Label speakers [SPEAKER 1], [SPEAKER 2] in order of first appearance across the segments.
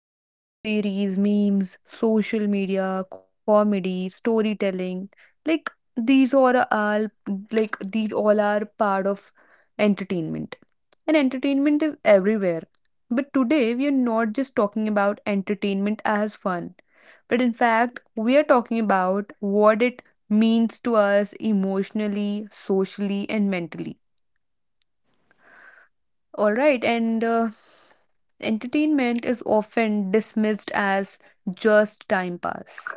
[SPEAKER 1] music, series, memes, social media, comedy, storytelling. Like these are all these all are part of entertainment. And entertainment is everywhere. But today we are not just talking about entertainment as fun, but in fact we are talking about what it means to us emotionally, socially and mentally, all right. and Entertainment is often dismissed as just time pass.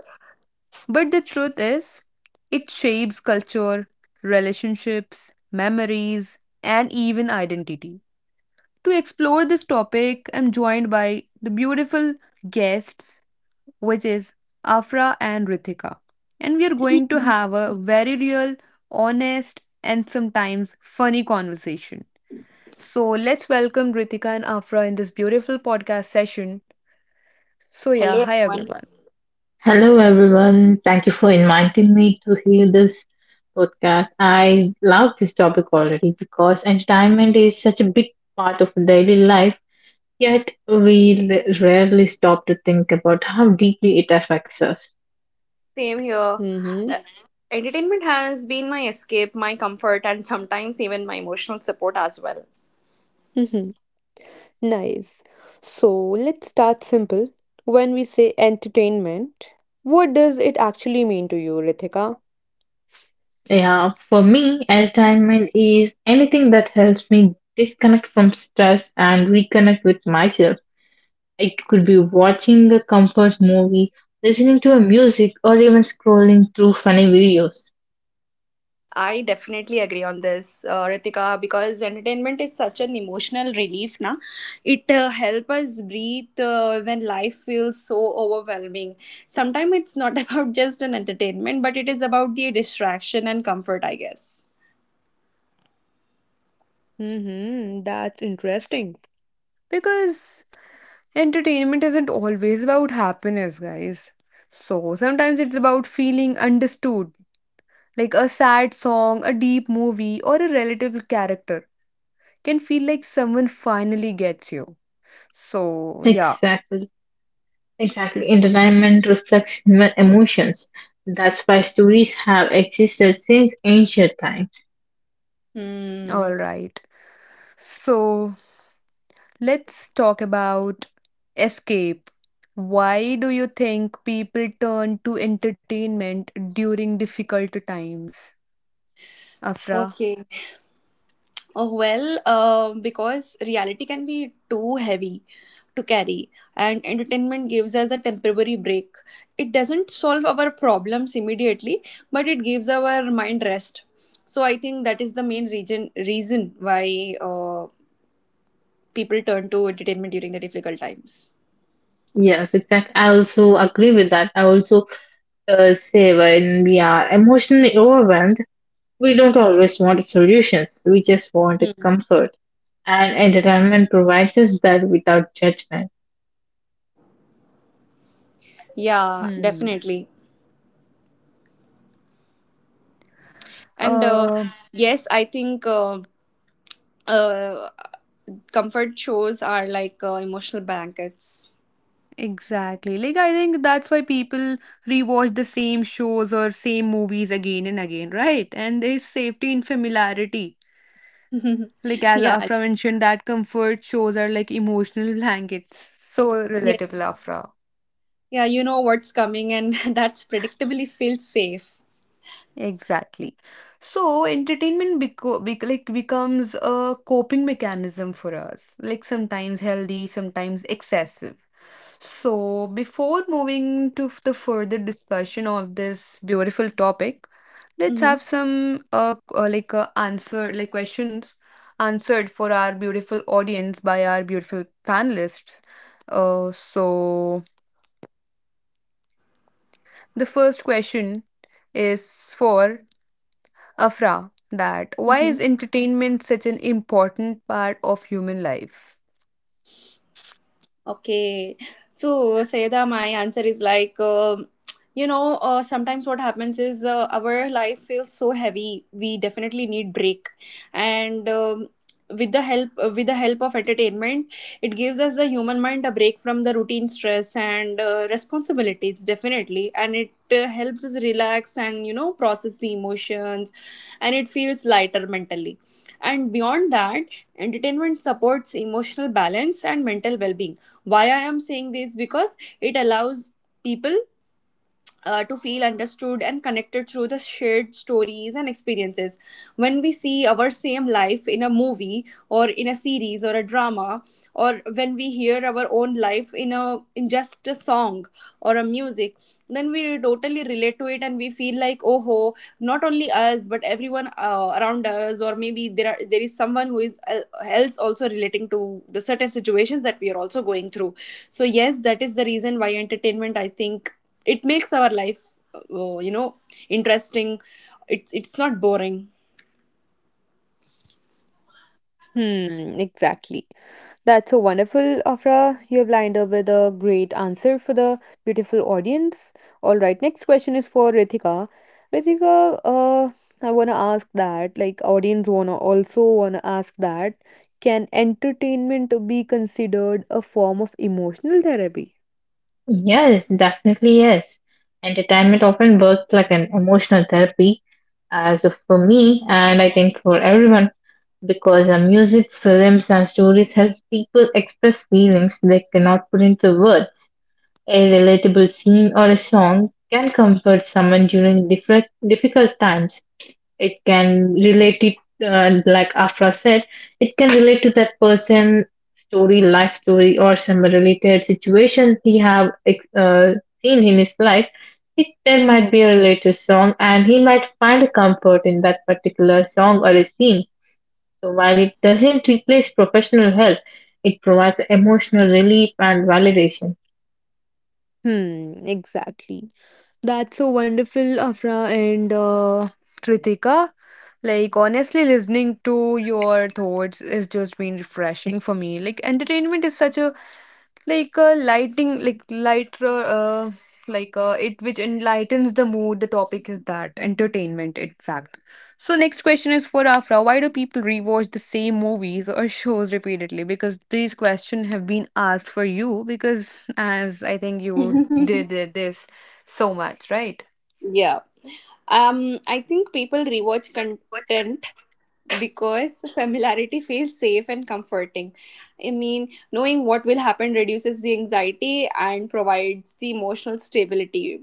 [SPEAKER 1] But the truth is, it shapes culture, relationships, memories, and even identity. To explore this topic, I'm joined by the beautiful guests, which is Afra and Rithika. And we are going to have a very real, honest, and sometimes funny conversation. So let's welcome Ritika and Afra in this beautiful podcast session. So yeah,
[SPEAKER 2] Hello,
[SPEAKER 1] hi
[SPEAKER 2] everyone.
[SPEAKER 1] everyone.
[SPEAKER 3] Hello, everyone. Thank you for inviting me to hear this podcast. I love this topic already because entertainment is such a big part of daily life, yet rarely stop to think about how deeply it affects us.
[SPEAKER 2] Same here.
[SPEAKER 1] Mm-hmm.
[SPEAKER 2] Uh, Entertainment has been my escape, my comfort, and sometimes even my emotional support as well.
[SPEAKER 1] Mm-hmm. Nice. So let's start simple. When we say entertainment, what does it actually mean to you, Ritika?
[SPEAKER 3] Yeah, for me, entertainment is anything that helps me disconnect from stress and reconnect with myself. It could be watching a comfort movie, listening to a music, or even scrolling through funny videos.
[SPEAKER 2] I definitely agree on this, Ritika, because entertainment is such an emotional relief. Na, it helps us breathe when life feels so overwhelming. Sometimes it's not about just an entertainment, but it is about the distraction and comfort, I guess.
[SPEAKER 1] Mm-hmm. That's interesting. Because entertainment isn't always about happiness, guys. So sometimes it's about feeling understood, like a sad song, a deep movie, or a relatable character. Can feel like someone finally gets you. So, yeah,
[SPEAKER 3] Exactly, exactly. Entertainment reflects human emotions. That's why stories have existed since ancient times.
[SPEAKER 2] Hmm.
[SPEAKER 1] all right. So, let's talk about escape. Why do you think people turn to entertainment during difficult times, Afra?
[SPEAKER 2] Okay. Because reality can be too heavy to carry, and entertainment gives us a temporary break. It doesn't solve our problems immediately, but it gives our mind rest. So I think that is the main reason why people turn to entertainment during the difficult times.
[SPEAKER 3] Yes, exactly. I also agree with that. I also say when we are emotionally overwhelmed, we don't always want solutions. We just want
[SPEAKER 2] Hmm.
[SPEAKER 3] comfort. And entertainment provides us that without judgment.
[SPEAKER 2] Yeah,
[SPEAKER 1] Hmm.
[SPEAKER 2] definitely. And
[SPEAKER 1] Uh,
[SPEAKER 2] yes, I think uh, comfort shows are like emotional blankets.
[SPEAKER 1] exactly. Like I think that's why people rewatch the same shows or same movies again and again, right? And there's safety in familiarity. Like as
[SPEAKER 2] yeah.
[SPEAKER 1] Afra mentioned, that comfort shows are like emotional blankets. So relatable,
[SPEAKER 2] Yes.
[SPEAKER 1] Afra.
[SPEAKER 2] Yeah, you know what's coming, and that's predictably feels safe.
[SPEAKER 1] Exactly. So entertainment becomes a coping mechanism for us, like sometimes healthy, sometimes excessive. So before moving to the further discussion of this beautiful topic, let's have
[SPEAKER 2] Mm-hmm.
[SPEAKER 1] some answer like questions answered for our beautiful audience by our beautiful panelists. So the first question is for Afra, that why is
[SPEAKER 2] Mm-hmm.
[SPEAKER 1] entertainment such an important part of human life?
[SPEAKER 2] Okay. So, Sayeda, my answer is like, you know, sometimes what happens is our life feels so heavy. We definitely need break, and with the help of entertainment, it gives us the human mind a break from the routine stress and responsibilities. Definitely, and it helps us relax and you know process the emotions, and it feels lighter mentally. And beyond that, entertainment supports emotional balance and mental well-being. Why I am saying this, because it allows people to feel understood and connected through the shared stories and experiences. When we see our same life in a movie or in a series or a drama, or when we hear our own life in a in just a song or a music, then we totally relate to it and we feel like, oh ho, not only us but everyone around us, or maybe there is someone who is else also relating to the certain situations that we are also going through. So yes, that is the reason why entertainment, I think, it makes our life, you know, interesting. It's not boring.
[SPEAKER 1] Hmm, exactly. That's so wonderful, Afra. You have lined up with a great answer for the beautiful audience. All right, next question is for Ritika. Ritika, I wanna ask that, like, audience wanna also wanna ask that, can entertainment be considered a form of emotional therapy?
[SPEAKER 3] Yes, definitely yes. Entertainment often works like an emotional therapy, as of for me, and I think for everyone, because music, films, and stories help people express feelings they cannot put into words. A relatable scene or a song can comfort someone during different difficult times. It can relate it, like Afra said, it can relate to that person story, life story, or some related situation he have seen in his life. It there might be a related song, and he might find a comfort in that particular song or a scene. So while it doesn't replace professional help, it provides emotional relief and validation.
[SPEAKER 1] Hmm, exactly. That's so wonderful, Afra and Kritika. Like, honestly, listening to your thoughts is just been refreshing for me. Like, entertainment is such a like a lighting, like lighter, it which enlightens the mood. The topic is that entertainment, in fact. So, next question is for Afra. Why do people rewatch the same movies or shows repeatedly? Because these questions have been asked for you. Because as I think you did this so much, right?
[SPEAKER 2] Yeah. um I think people rewatch
[SPEAKER 1] What?
[SPEAKER 2] content because familiarity feels safe and comforting. I mean, knowing what will happen reduces the anxiety and provides the emotional stability.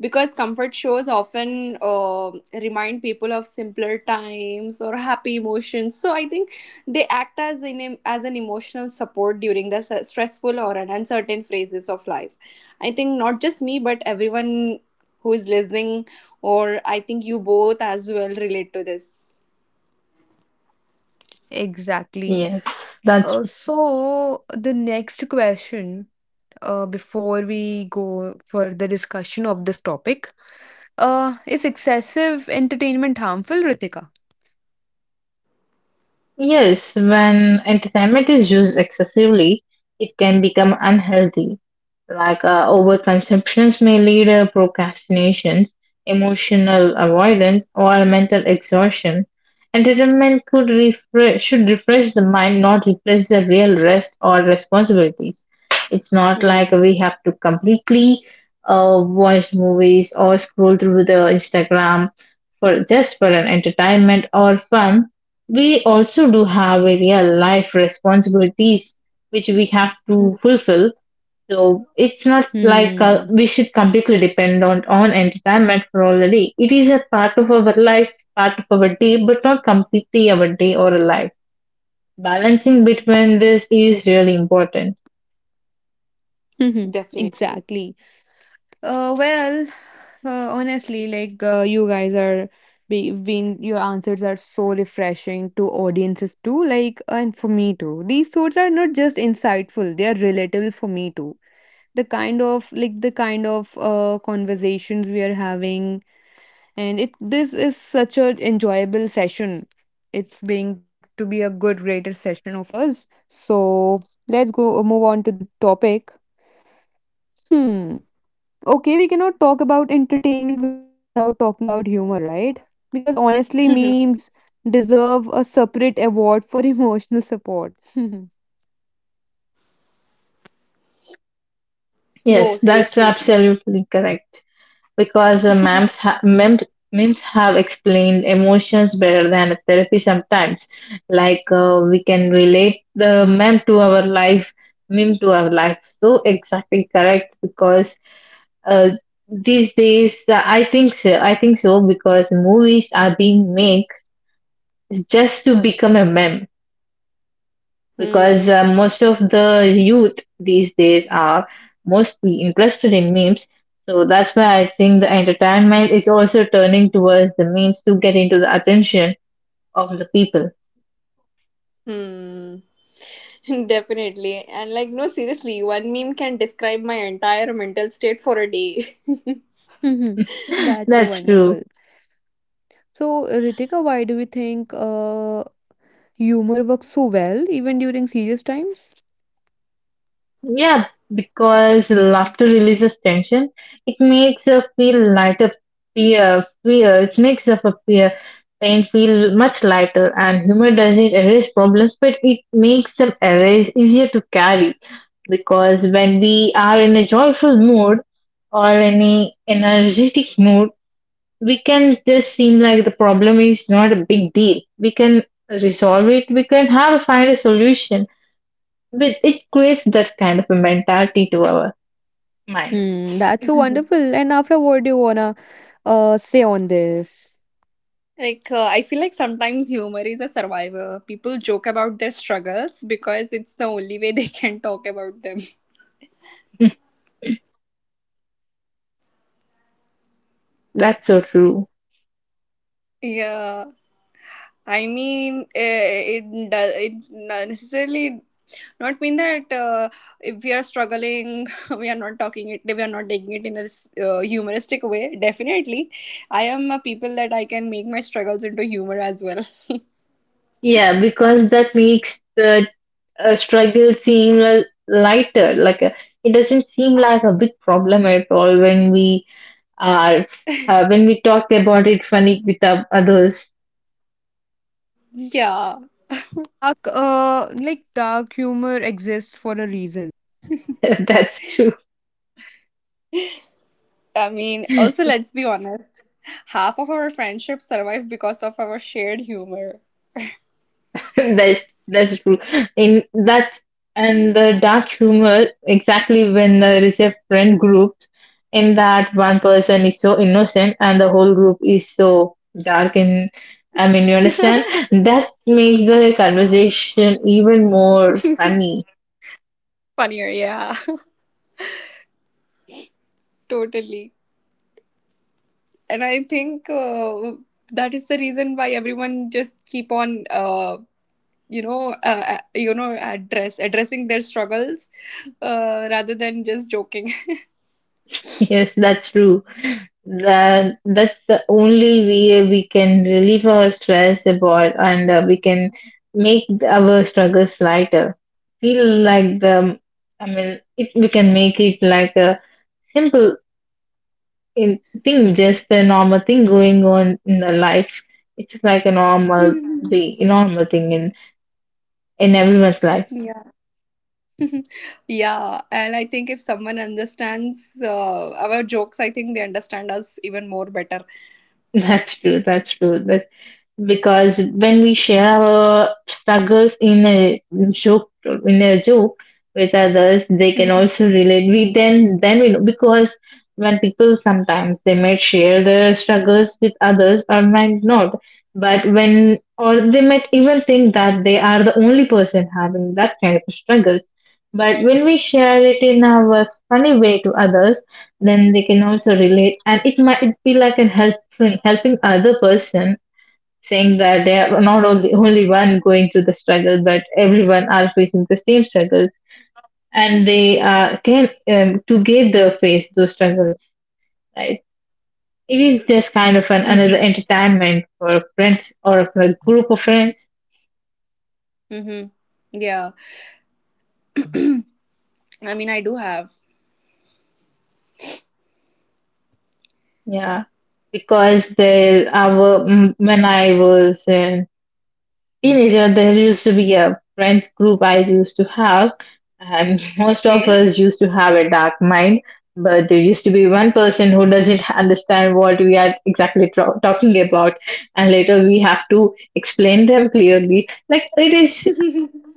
[SPEAKER 2] Because comfort shows often remind people of simpler times or happy emotions. So I think they act as an emotional support during the stressful or an uncertain phases of life. I think not just me, but everyone who is listening, or I think you both as well relate to this.
[SPEAKER 1] Exactly.
[SPEAKER 3] Yes, that's.
[SPEAKER 1] So the next question, before we go for the discussion of this topic, is excessive entertainment harmful, Ritika?
[SPEAKER 3] Yes, when entertainment is used excessively, it can become unhealthy. Like overconsumptions may lead to procrastinations, emotional avoidance, or mental exhaustion. Entertainment could refresh, should refresh the mind, not replace the real rest or responsibilities. It's not like
[SPEAKER 2] Hmm.
[SPEAKER 3] we have to completely watch movies or scroll through the Instagram for just for an entertainment or fun. We also do have a real life responsibilities which we have
[SPEAKER 2] Mhm.
[SPEAKER 3] to fulfill. So it's not like
[SPEAKER 1] Hmm.
[SPEAKER 3] we should completely depend on entertainment for all the day. It is a part of our life, part of our day, but not completely our day or a life. Balancing between this is really important.
[SPEAKER 1] Mm-hmm.
[SPEAKER 2] Definitely.
[SPEAKER 1] Exactly. Uh, well, Honestly, you guys are be- being your answers are so refreshing to audiences too, like, and for me too. These thoughts are not just insightful; they are relatable for me too. The kind of conversations we are having, and it this is such a enjoyable session. It's being to be a good greater session of us. So let's go move on to the topic. Hmm. Okay, we cannot talk about entertainment without talking about humor, right? Because honestly, memes deserve a separate award for emotional support
[SPEAKER 2] No,
[SPEAKER 3] Yes, that's
[SPEAKER 2] seriously.
[SPEAKER 3] absolutely correct. Because memes have explained emotions better than therapy sometimes. Like we can relate the meme to our life, meme to our life. So exactly correct. Because uh, these days I think so. I think so because movies are being made just to become a meme because
[SPEAKER 2] Hmm.
[SPEAKER 3] most of the youth these days are mostly interested in memes. So that's why I think the entertainment is also turning towards the memes to get into the attention of the people.
[SPEAKER 2] Hmm. Definitely. And like, no, seriously, one meme can describe my entire mental state for a day.
[SPEAKER 1] that's so
[SPEAKER 3] That's true.
[SPEAKER 1] wonderful. So, Ritika, why do we think humor works so well, even during serious times?
[SPEAKER 3] Yeah, because laughter releases tension. It makes a feel lighter, fear, fear. It makes up a fear, pain feel much lighter. And humor doesn't erase problems, but it makes them erase easier to carry. Because when we are in a joyful mood or any energetic mood, we can just seem like the problem is not a big deal. We can resolve it. We can have find a solution, but it creates that kind of a mentality to our mind.
[SPEAKER 1] Hmm, that's so wonderful. And, after, what do you wanna say on this?
[SPEAKER 2] Like, I feel like sometimes humor is a survivor. People joke about their struggles because it's the only way they can talk about them.
[SPEAKER 3] That's so true.
[SPEAKER 2] Yeah. I mean, it does. It's not necessarily not mean that if we are struggling, we are not talking it. We are not taking it in a humoristic way. Definitely, I am a people that I can make my struggles into humor as well.
[SPEAKER 3] Yeah, because that makes the struggle seem lighter. Like a, it doesn't seem like a big problem at all when we are, when we talk about it funny with our others.
[SPEAKER 2] Yeah,
[SPEAKER 1] Dark, dark humor exists for a reason.
[SPEAKER 3] That's true.
[SPEAKER 2] I mean, also let's be honest. Half of our friendships survive because of our shared humor.
[SPEAKER 3] that's that's true. In that, and the dark humor exactly when the receive friend groups, in that one person is so innocent and the whole group is so dark, and I mean you understand, that makes the conversation even more funny.
[SPEAKER 2] Funnier, yeah, totally. And I think that is the reason why everyone just keep on addressing their struggles rather than just joking.
[SPEAKER 3] Yes, that's true. That's the only way we can relieve our stress about, and we can make our struggles lighter, feel like the, I mean it, we can make it like a
[SPEAKER 1] Exactly.
[SPEAKER 3] simple in, thing, just a normal thing going on in the life. It's like a normal way, a normal thing in
[SPEAKER 1] True. Like if
[SPEAKER 3] in
[SPEAKER 1] someone
[SPEAKER 3] everyone's life.
[SPEAKER 1] understands
[SPEAKER 2] Yeah.
[SPEAKER 1] your jokes, they understand you. So
[SPEAKER 2] Yeah, and I
[SPEAKER 1] moving
[SPEAKER 2] think if
[SPEAKER 1] on to
[SPEAKER 2] someone
[SPEAKER 1] the next
[SPEAKER 2] understands
[SPEAKER 1] part,
[SPEAKER 2] our
[SPEAKER 1] entertainment
[SPEAKER 2] jokes,
[SPEAKER 1] does
[SPEAKER 2] I think they understand
[SPEAKER 1] not
[SPEAKER 2] us
[SPEAKER 1] just
[SPEAKER 2] even more
[SPEAKER 1] entertain;
[SPEAKER 2] better.
[SPEAKER 1] it shapes culture.
[SPEAKER 3] that's
[SPEAKER 1] Do you
[SPEAKER 3] true
[SPEAKER 1] think
[SPEAKER 3] that's
[SPEAKER 1] it
[SPEAKER 3] true that's
[SPEAKER 1] influences identity,
[SPEAKER 3] Because
[SPEAKER 1] Ritika?
[SPEAKER 3] when we share our struggles in a joke, in a joke with others, they can
[SPEAKER 2] Mm-hmm.
[SPEAKER 3] also relate. We then we know because when people sometimes they might share their struggles with others or might not, but when, or they might even think that they are the only person having that kind of struggles. But when we share it in our funny way to others, then they can also relate, and it might be like a helping other person, saying that they are not only one going through the struggle, but everyone are facing the same struggles, and they can together face those struggles. Right? It is just kind of an
[SPEAKER 2] Mm-hmm.
[SPEAKER 3] another entertainment for friends or a group of friends.
[SPEAKER 2] Mm-hmm. Yeah, I mean, I do have.
[SPEAKER 3] Yeah, because there, our when I was in teenager, there used to be a friends group I used to have, and most of
[SPEAKER 2] Okay.
[SPEAKER 3] us used to have a dark mind. But there used to be one person who doesn't understand what we are exactly talking about, and later we have to explain them clearly. Like it is.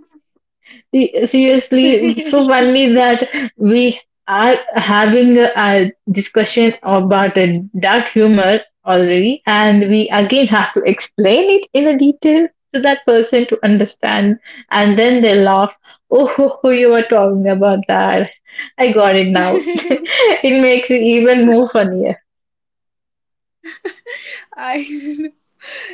[SPEAKER 3] Seriously, so funny that we are having a discussion about a dark humor already, and we again have to explain it in a detail to that person to understand, and then they laugh. Oh, ho, ho, you were talking about that. I got it now. It makes it even more funnier.
[SPEAKER 2] I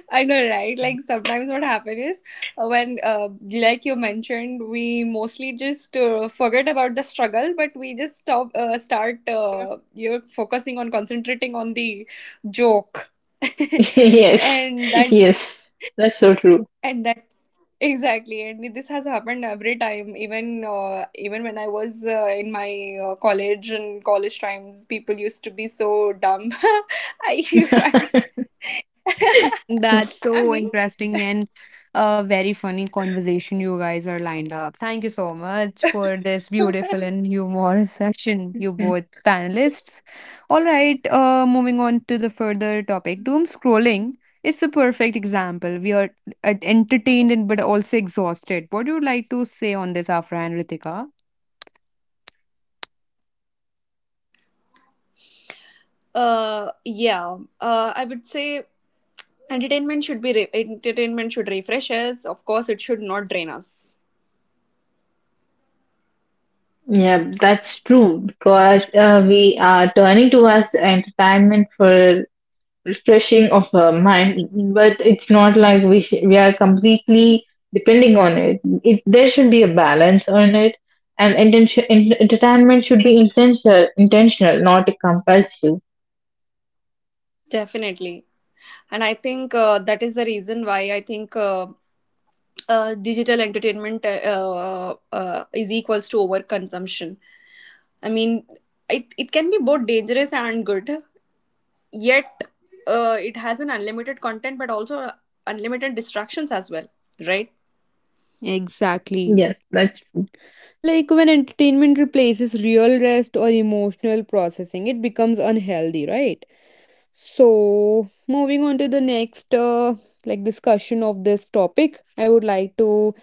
[SPEAKER 2] I know, right? Like sometimes what happens is, like you mentioned, we mostly just forget about the struggle, but we just start, you're focusing on concentrating on the joke,
[SPEAKER 3] Yes,
[SPEAKER 2] and that,
[SPEAKER 3] yes, that's so true.
[SPEAKER 2] and that exactly. And this has happened every time, even when I was in my college and college times, people used to be so dumb. I,
[SPEAKER 4] That's
[SPEAKER 2] I mean,
[SPEAKER 4] so interesting and a very funny conversation you guys are lined up. Thank you so much for this beautiful and humorous section, you both panelists. All right, moving on to the further topic. Doom scrolling is a perfect example. We are entertained and but also exhausted. What do you like to say on this, Afra and Ritika?
[SPEAKER 2] yeah, I would say entertainment should be entertainment should refresh us. Of course, it should not drain us.
[SPEAKER 3] Yeah, that's true because we are turning towards entertainment for refreshing of our mind, but it's not like we are completely depending on it. It there should be a balance on it, and intention, in entertainment should be intentional, intentional, not compulsive.
[SPEAKER 2] Definitely, and I think that is the reason why I think digital entertainment is equals to overconsumption. I mean, it can be both dangerous and good. Yet, it has an unlimited content, but also unlimited distractions as well, right?
[SPEAKER 4] Exactly.
[SPEAKER 3] Yes, that's
[SPEAKER 4] Like when entertainment replaces real rest or emotional processing, it becomes unhealthy, right? So, moving on to the next like discussion of this topic, I would like to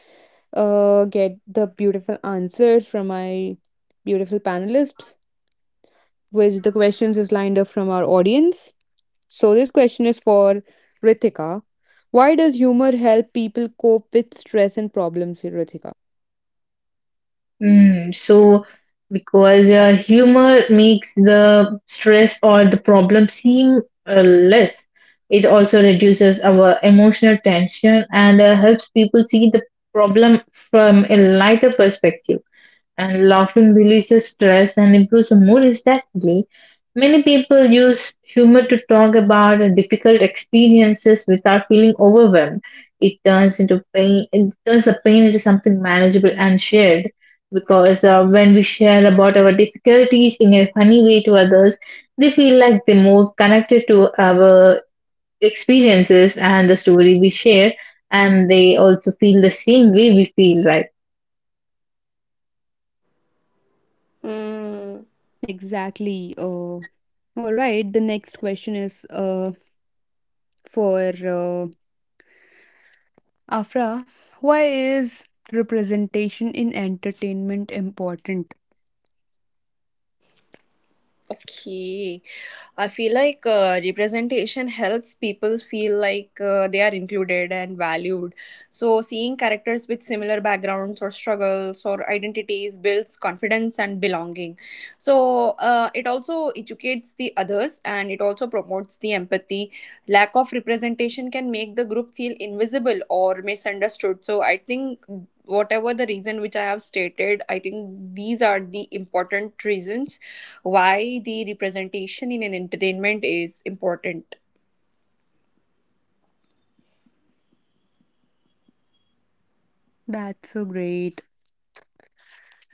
[SPEAKER 4] get the beautiful answers from my beautiful panelists, which the questions is lined up from our audience. So, this question is for Ritika. Why does humor help people cope with stress and problems, Ritika?
[SPEAKER 3] Mm, so, because humor makes the stress or the problem seem less, it also reduces our emotional tension and helps people see the problem from a lighter perspective, and laughing releases stress and improves the mood instantly. Many people use humor to talk about difficult experiences without feeling overwhelmed. It turns into pain. It turns the pain into something manageable and shared. Because when we share about our difficulties in a funny way to others, they feel like they're more connected to our experiences and the story we share, and they also feel the same way we feel, right?
[SPEAKER 2] Mm.
[SPEAKER 4] Exactly. All right. The next question is for Afra, why is representation in entertainment important?
[SPEAKER 2] Okay. I feel like representation helps people feel like they are included and valued. So, seeing characters with similar backgrounds or struggles or identities builds confidence and belonging. So, it also educates the others and it also promotes the empathy. Lack of representation can make the group feel invisible or misunderstood. So, I think whatever the reason which I have stated, I think these are the important reasons why the representation in an entertainment is important.
[SPEAKER 4] That's so great.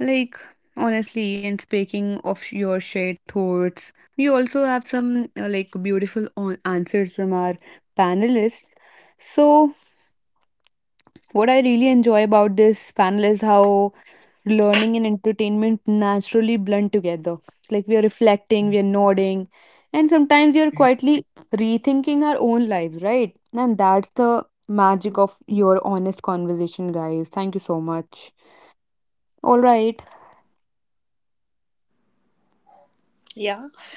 [SPEAKER 4] Like, honestly, and speaking of your shared thoughts, we also have some like beautiful answers from our panelists. So, what I really enjoy about this panel is how learning and entertainment naturally blend together. Like we are reflecting, we are nodding, and sometimes we are quietly rethinking our own lives, right? And that's the magic of your honest conversation, guys. Thank you so much. All right,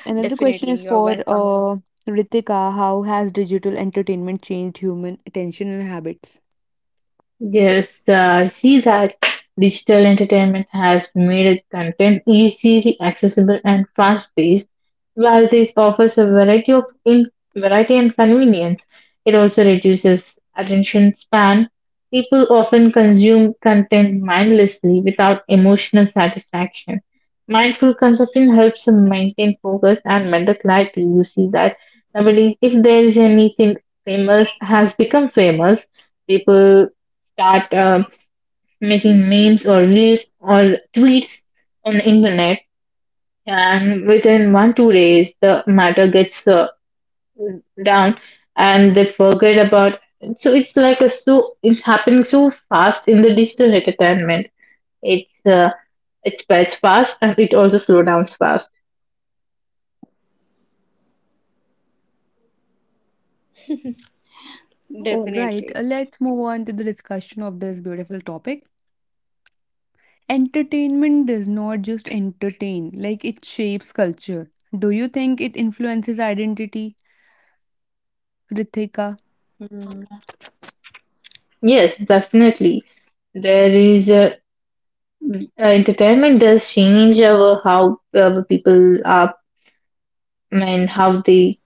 [SPEAKER 4] another question
[SPEAKER 2] Definitely,
[SPEAKER 4] is
[SPEAKER 2] you are
[SPEAKER 4] for
[SPEAKER 2] welcome.
[SPEAKER 4] Ritika. How has digital entertainment changed human attention and habits?
[SPEAKER 3] Yes, I see that digital entertainment has made content easily accessible and fast-paced. While this offers a variety of in variety and convenience, it also reduces attention span. People often consume content mindlessly without emotional satisfaction. Mindful consumption helps them maintain focus and mental clarity. You see that nowadays, if there is anything famous has become famous, people start making memes or reels or tweets on the internet, and within one two days the matter gets down, and they forget about. So it's like a, so it's happening so fast in the digital entertainment. It's it spreads fast and it also slow down fast.
[SPEAKER 4] All right,
[SPEAKER 2] Definitely.
[SPEAKER 4] let's move on to the discussion of this beautiful topic. Entertainment does not just entertain, like it shapes culture. Do you think it influences identity, Ritika?
[SPEAKER 2] Mm.
[SPEAKER 3] Yes, definitely. There is a, entertainment does change our how people are and how they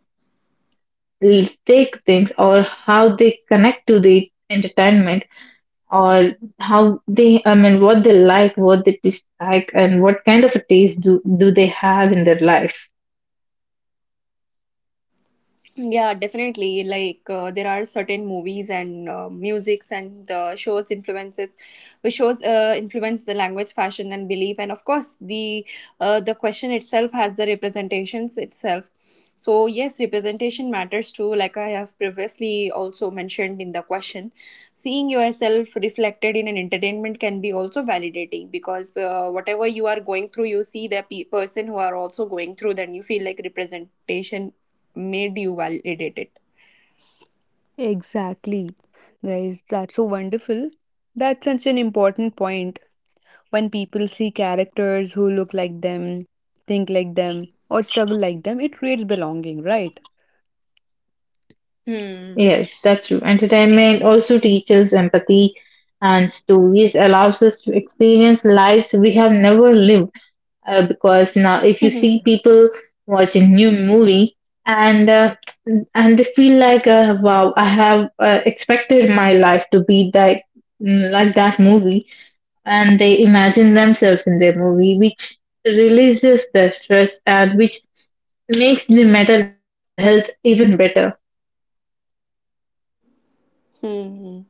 [SPEAKER 3] take things or how they connect to the entertainment, or how they, I mean, what they like, what they dislike, and what kind of a taste do they have in their life.
[SPEAKER 2] Yeah, definitely. Like there are certain movies and musics and the shows influences, which shows influence the language, fashion, and belief, and of course the question itself has the representations itself. So yes, representation matters too. Like I have previously also mentioned in the question. Seeing yourself reflected in an entertainment can be also validating, because whatever you are going through, you see the person who are also going through, then you feel like representation made you validate
[SPEAKER 4] Exactly. Guys, that's so wonderful. That's such an important point. When people see characters who look like them, think like them, or struggle like them, it creates belonging, right?
[SPEAKER 2] it. Hmm.
[SPEAKER 3] Yes, that's true. Entertainment also teaches empathy, and stories allows us to experience lives we have never lived, because now if you see people watch a new movie, and uh, and they feel like wow, I have expected my life to be like, mm, like that movie, and they imagine themselves in their movie, which releases the stress, and which makes the mental health even better.
[SPEAKER 2] Hmm.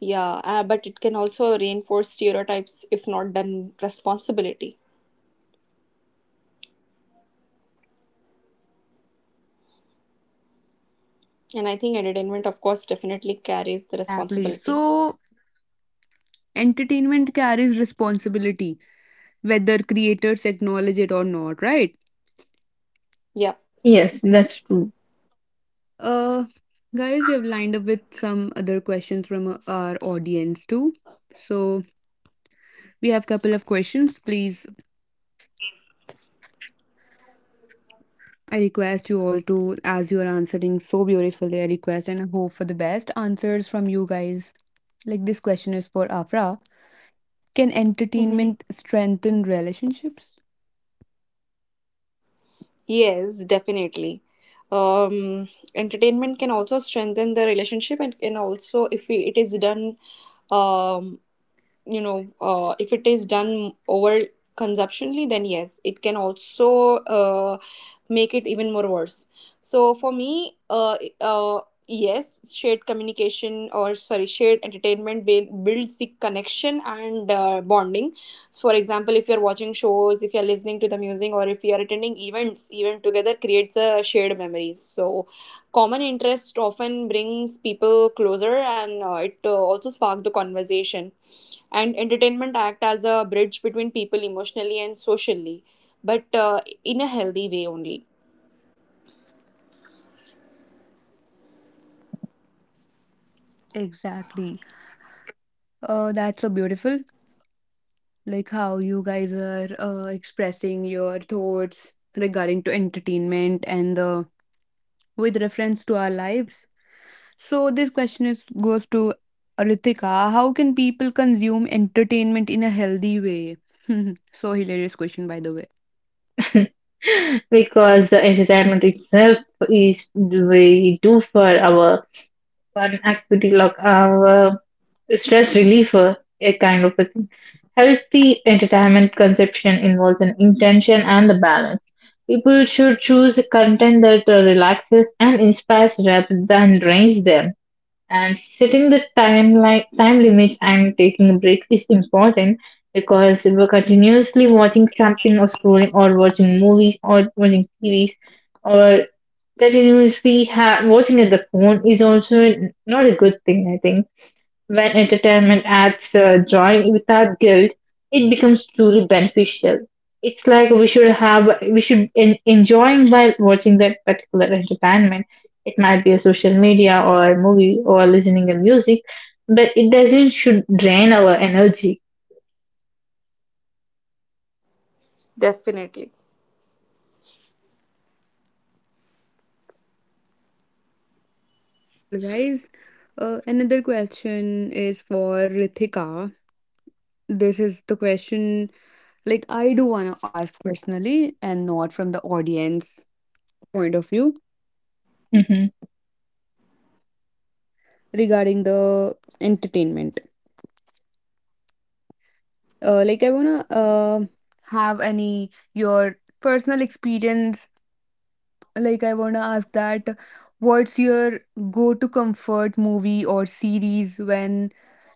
[SPEAKER 2] Yeah, but it can also reinforce stereotypes if not done responsibility. And I think entertainment, of course, definitely carries the
[SPEAKER 4] Exactly.
[SPEAKER 2] responsibility.
[SPEAKER 4] So, entertainment carries responsibility, whether creators acknowledge it or not, right?
[SPEAKER 2] Yeah.
[SPEAKER 3] Yes, that's true.
[SPEAKER 4] Uh, Guys, we have lined up with some other questions from our audience too. So we have couple of questions. Please, I request you all to, as you are answering so beautifully, I request and I hope for the best answers from you guys. Like this question is for Afra. Can
[SPEAKER 2] Mm-hmm.
[SPEAKER 4] entertainment strengthen relationships?
[SPEAKER 2] Yes, definitely. Um, Entertainment can also strengthen the relationship and can also, if we, it is done um, if it is done over consumptionally, then yes, it can also make it even more worse. So for me, yes, shared communication, or sorry, shared entertainment builds the connection and bonding. So for example, if you're watching shows, if you're listening to the music, or if you're attending events even together, creates a shared memories. So common interest often brings people closer, and it also spark the conversation, and entertainment act as a bridge between people emotionally and socially, but in a healthy way only.
[SPEAKER 4] Exactly. That's so beautiful. Like how you guys are expressing your thoughts regarding to entertainment and the with reference to our lives. So this question is goes to Ritika. How can people consume entertainment in a healthy way? So hilarious question, by the way.
[SPEAKER 3] Because the entertainment itself is we do for our, an activity like our stress reliever, a kind of a thing. Healthy entertainment conception involves an intention and the balance. People should choose content that relaxes and inspires rather than drains them. And setting the time timeline, time limits and taking breaks is important, because if we're continuously watching something or scrolling or watching movies or watching TVs or continuously watching at the phone is also not a good thing, I think. When entertainment adds joy without guilt, it becomes truly beneficial. It's like we should have, we should enjoying while watching that particular entertainment. It might be a social media or a movie or listening to music, but it doesn't should drain our energy.
[SPEAKER 2] Definitely.
[SPEAKER 4] Hmm, that's so wonderful, guys. Another question is for Ritika. This is the question like I do want to ask personally and not from the audience point of view
[SPEAKER 3] Mm-hmm.
[SPEAKER 4] regarding the entertainment. Like I want to have any your personal experience. Like, I wanna ask that what's your go-to comfort movie or series when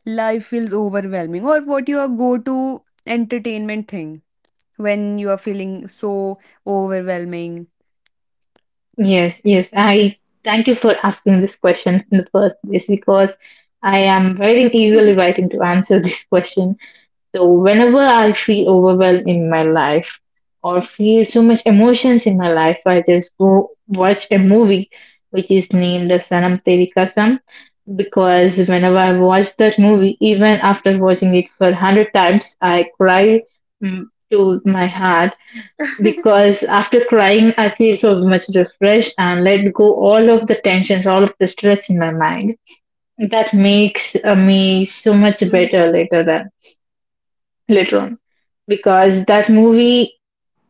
[SPEAKER 4] life feels overwhelming, or what your go-to entertainment thing when you are feeling so overwhelming?
[SPEAKER 3] Yes, yes. I thank you for asking this question in the first place, because I am very eagerly waiting
[SPEAKER 2] Mm-hmm.
[SPEAKER 3] to answer this question. So, whenever I feel overwhelmed in my life or feel so much emotions in my life, I just go watch a movie which is named as Sanam Teri Kasam, because whenever I watch that movie, even after watching it for 100 times, I cry, mm, to my heart, because after crying, I feel so much refreshed and let go all of the tensions, all of the stress in my mind. That makes me so much better later than later on because that movie,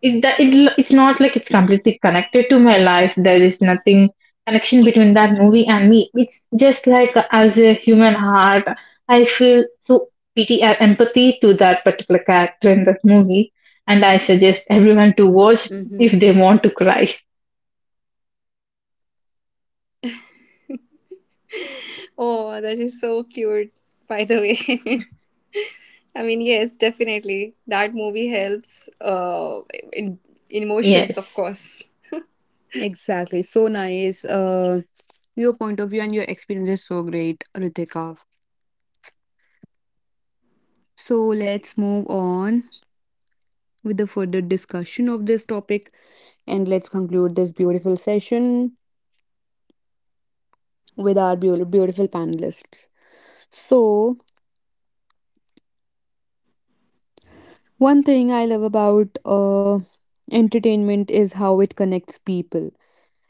[SPEAKER 3] it, that it, it's not like it's completely connected to my life. There is nothing connection between that movie and me. It's just like as a human heart, I feel so pity and empathy to that particular character in that movie, and I suggest everyone to watch if
[SPEAKER 2] Mm-hmm.
[SPEAKER 3] they want to cry.
[SPEAKER 2] Oh, that is so cute, by the way. I mean, yes, definitely. That movie helps in, in
[SPEAKER 3] yes
[SPEAKER 2] emotions, of course.
[SPEAKER 4] Exactly. So nice. Your point of view and your experience is so great, Ritika. So let's move on with the further discussion of this topic and let's conclude this beautiful session with our beautiful panelists. So, one thing I love about entertainment is how it connects people.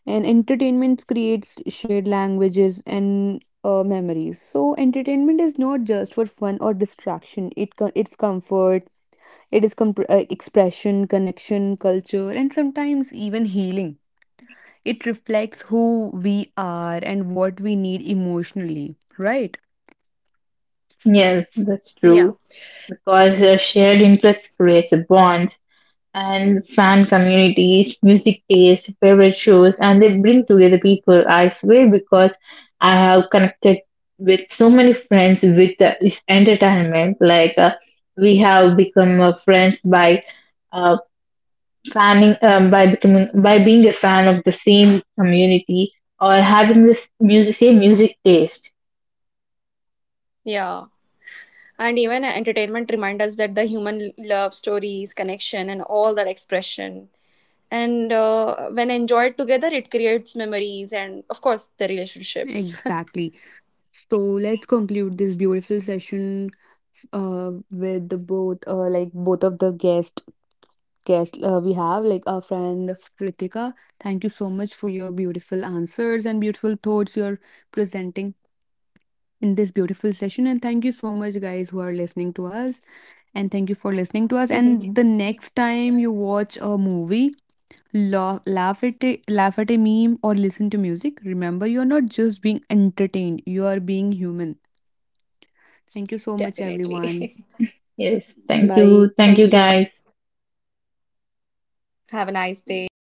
[SPEAKER 4] And entertainment creates shared languages and memories. So entertainment is not just for fun or distraction. It's comfort. It is expression, connection, culture, and sometimes even healing. It reflects who we are and what we need emotionally, right.
[SPEAKER 3] yes That's
[SPEAKER 2] Yeah,
[SPEAKER 3] true, because a shared interest creates a bond, and fan communities, music taste, favorite shows, and they bring together people. I swear, because I have connected with so many friends with this entertainment. Like we have become friends by uh, fanning, by becoming, by being a fan of the same community, or having this music, same music taste.
[SPEAKER 2] yeah. And even entertainment reminds us that the human love stories, connection, and all that expression, and when enjoyed together, it creates memories and of course the relationships.
[SPEAKER 4] Exactly. So let's conclude this beautiful session with the both like both of the guest we have, like our friend Ritika. Thank you so much for your beautiful answers and beautiful thoughts you're presenting in this beautiful session. And thank you so much, guys, who are listening to us. And thank you for listening to us. And the next time you watch a movie. Laugh, laugh at a meme or listen to music. Remember, you are not just being entertained; you are being human. Thank you so much,
[SPEAKER 2] Definitely.
[SPEAKER 4] everyone.
[SPEAKER 3] Yes,
[SPEAKER 4] Bye.
[SPEAKER 3] thank you,
[SPEAKER 2] Thank you.
[SPEAKER 3] guys.
[SPEAKER 2] Have a nice day.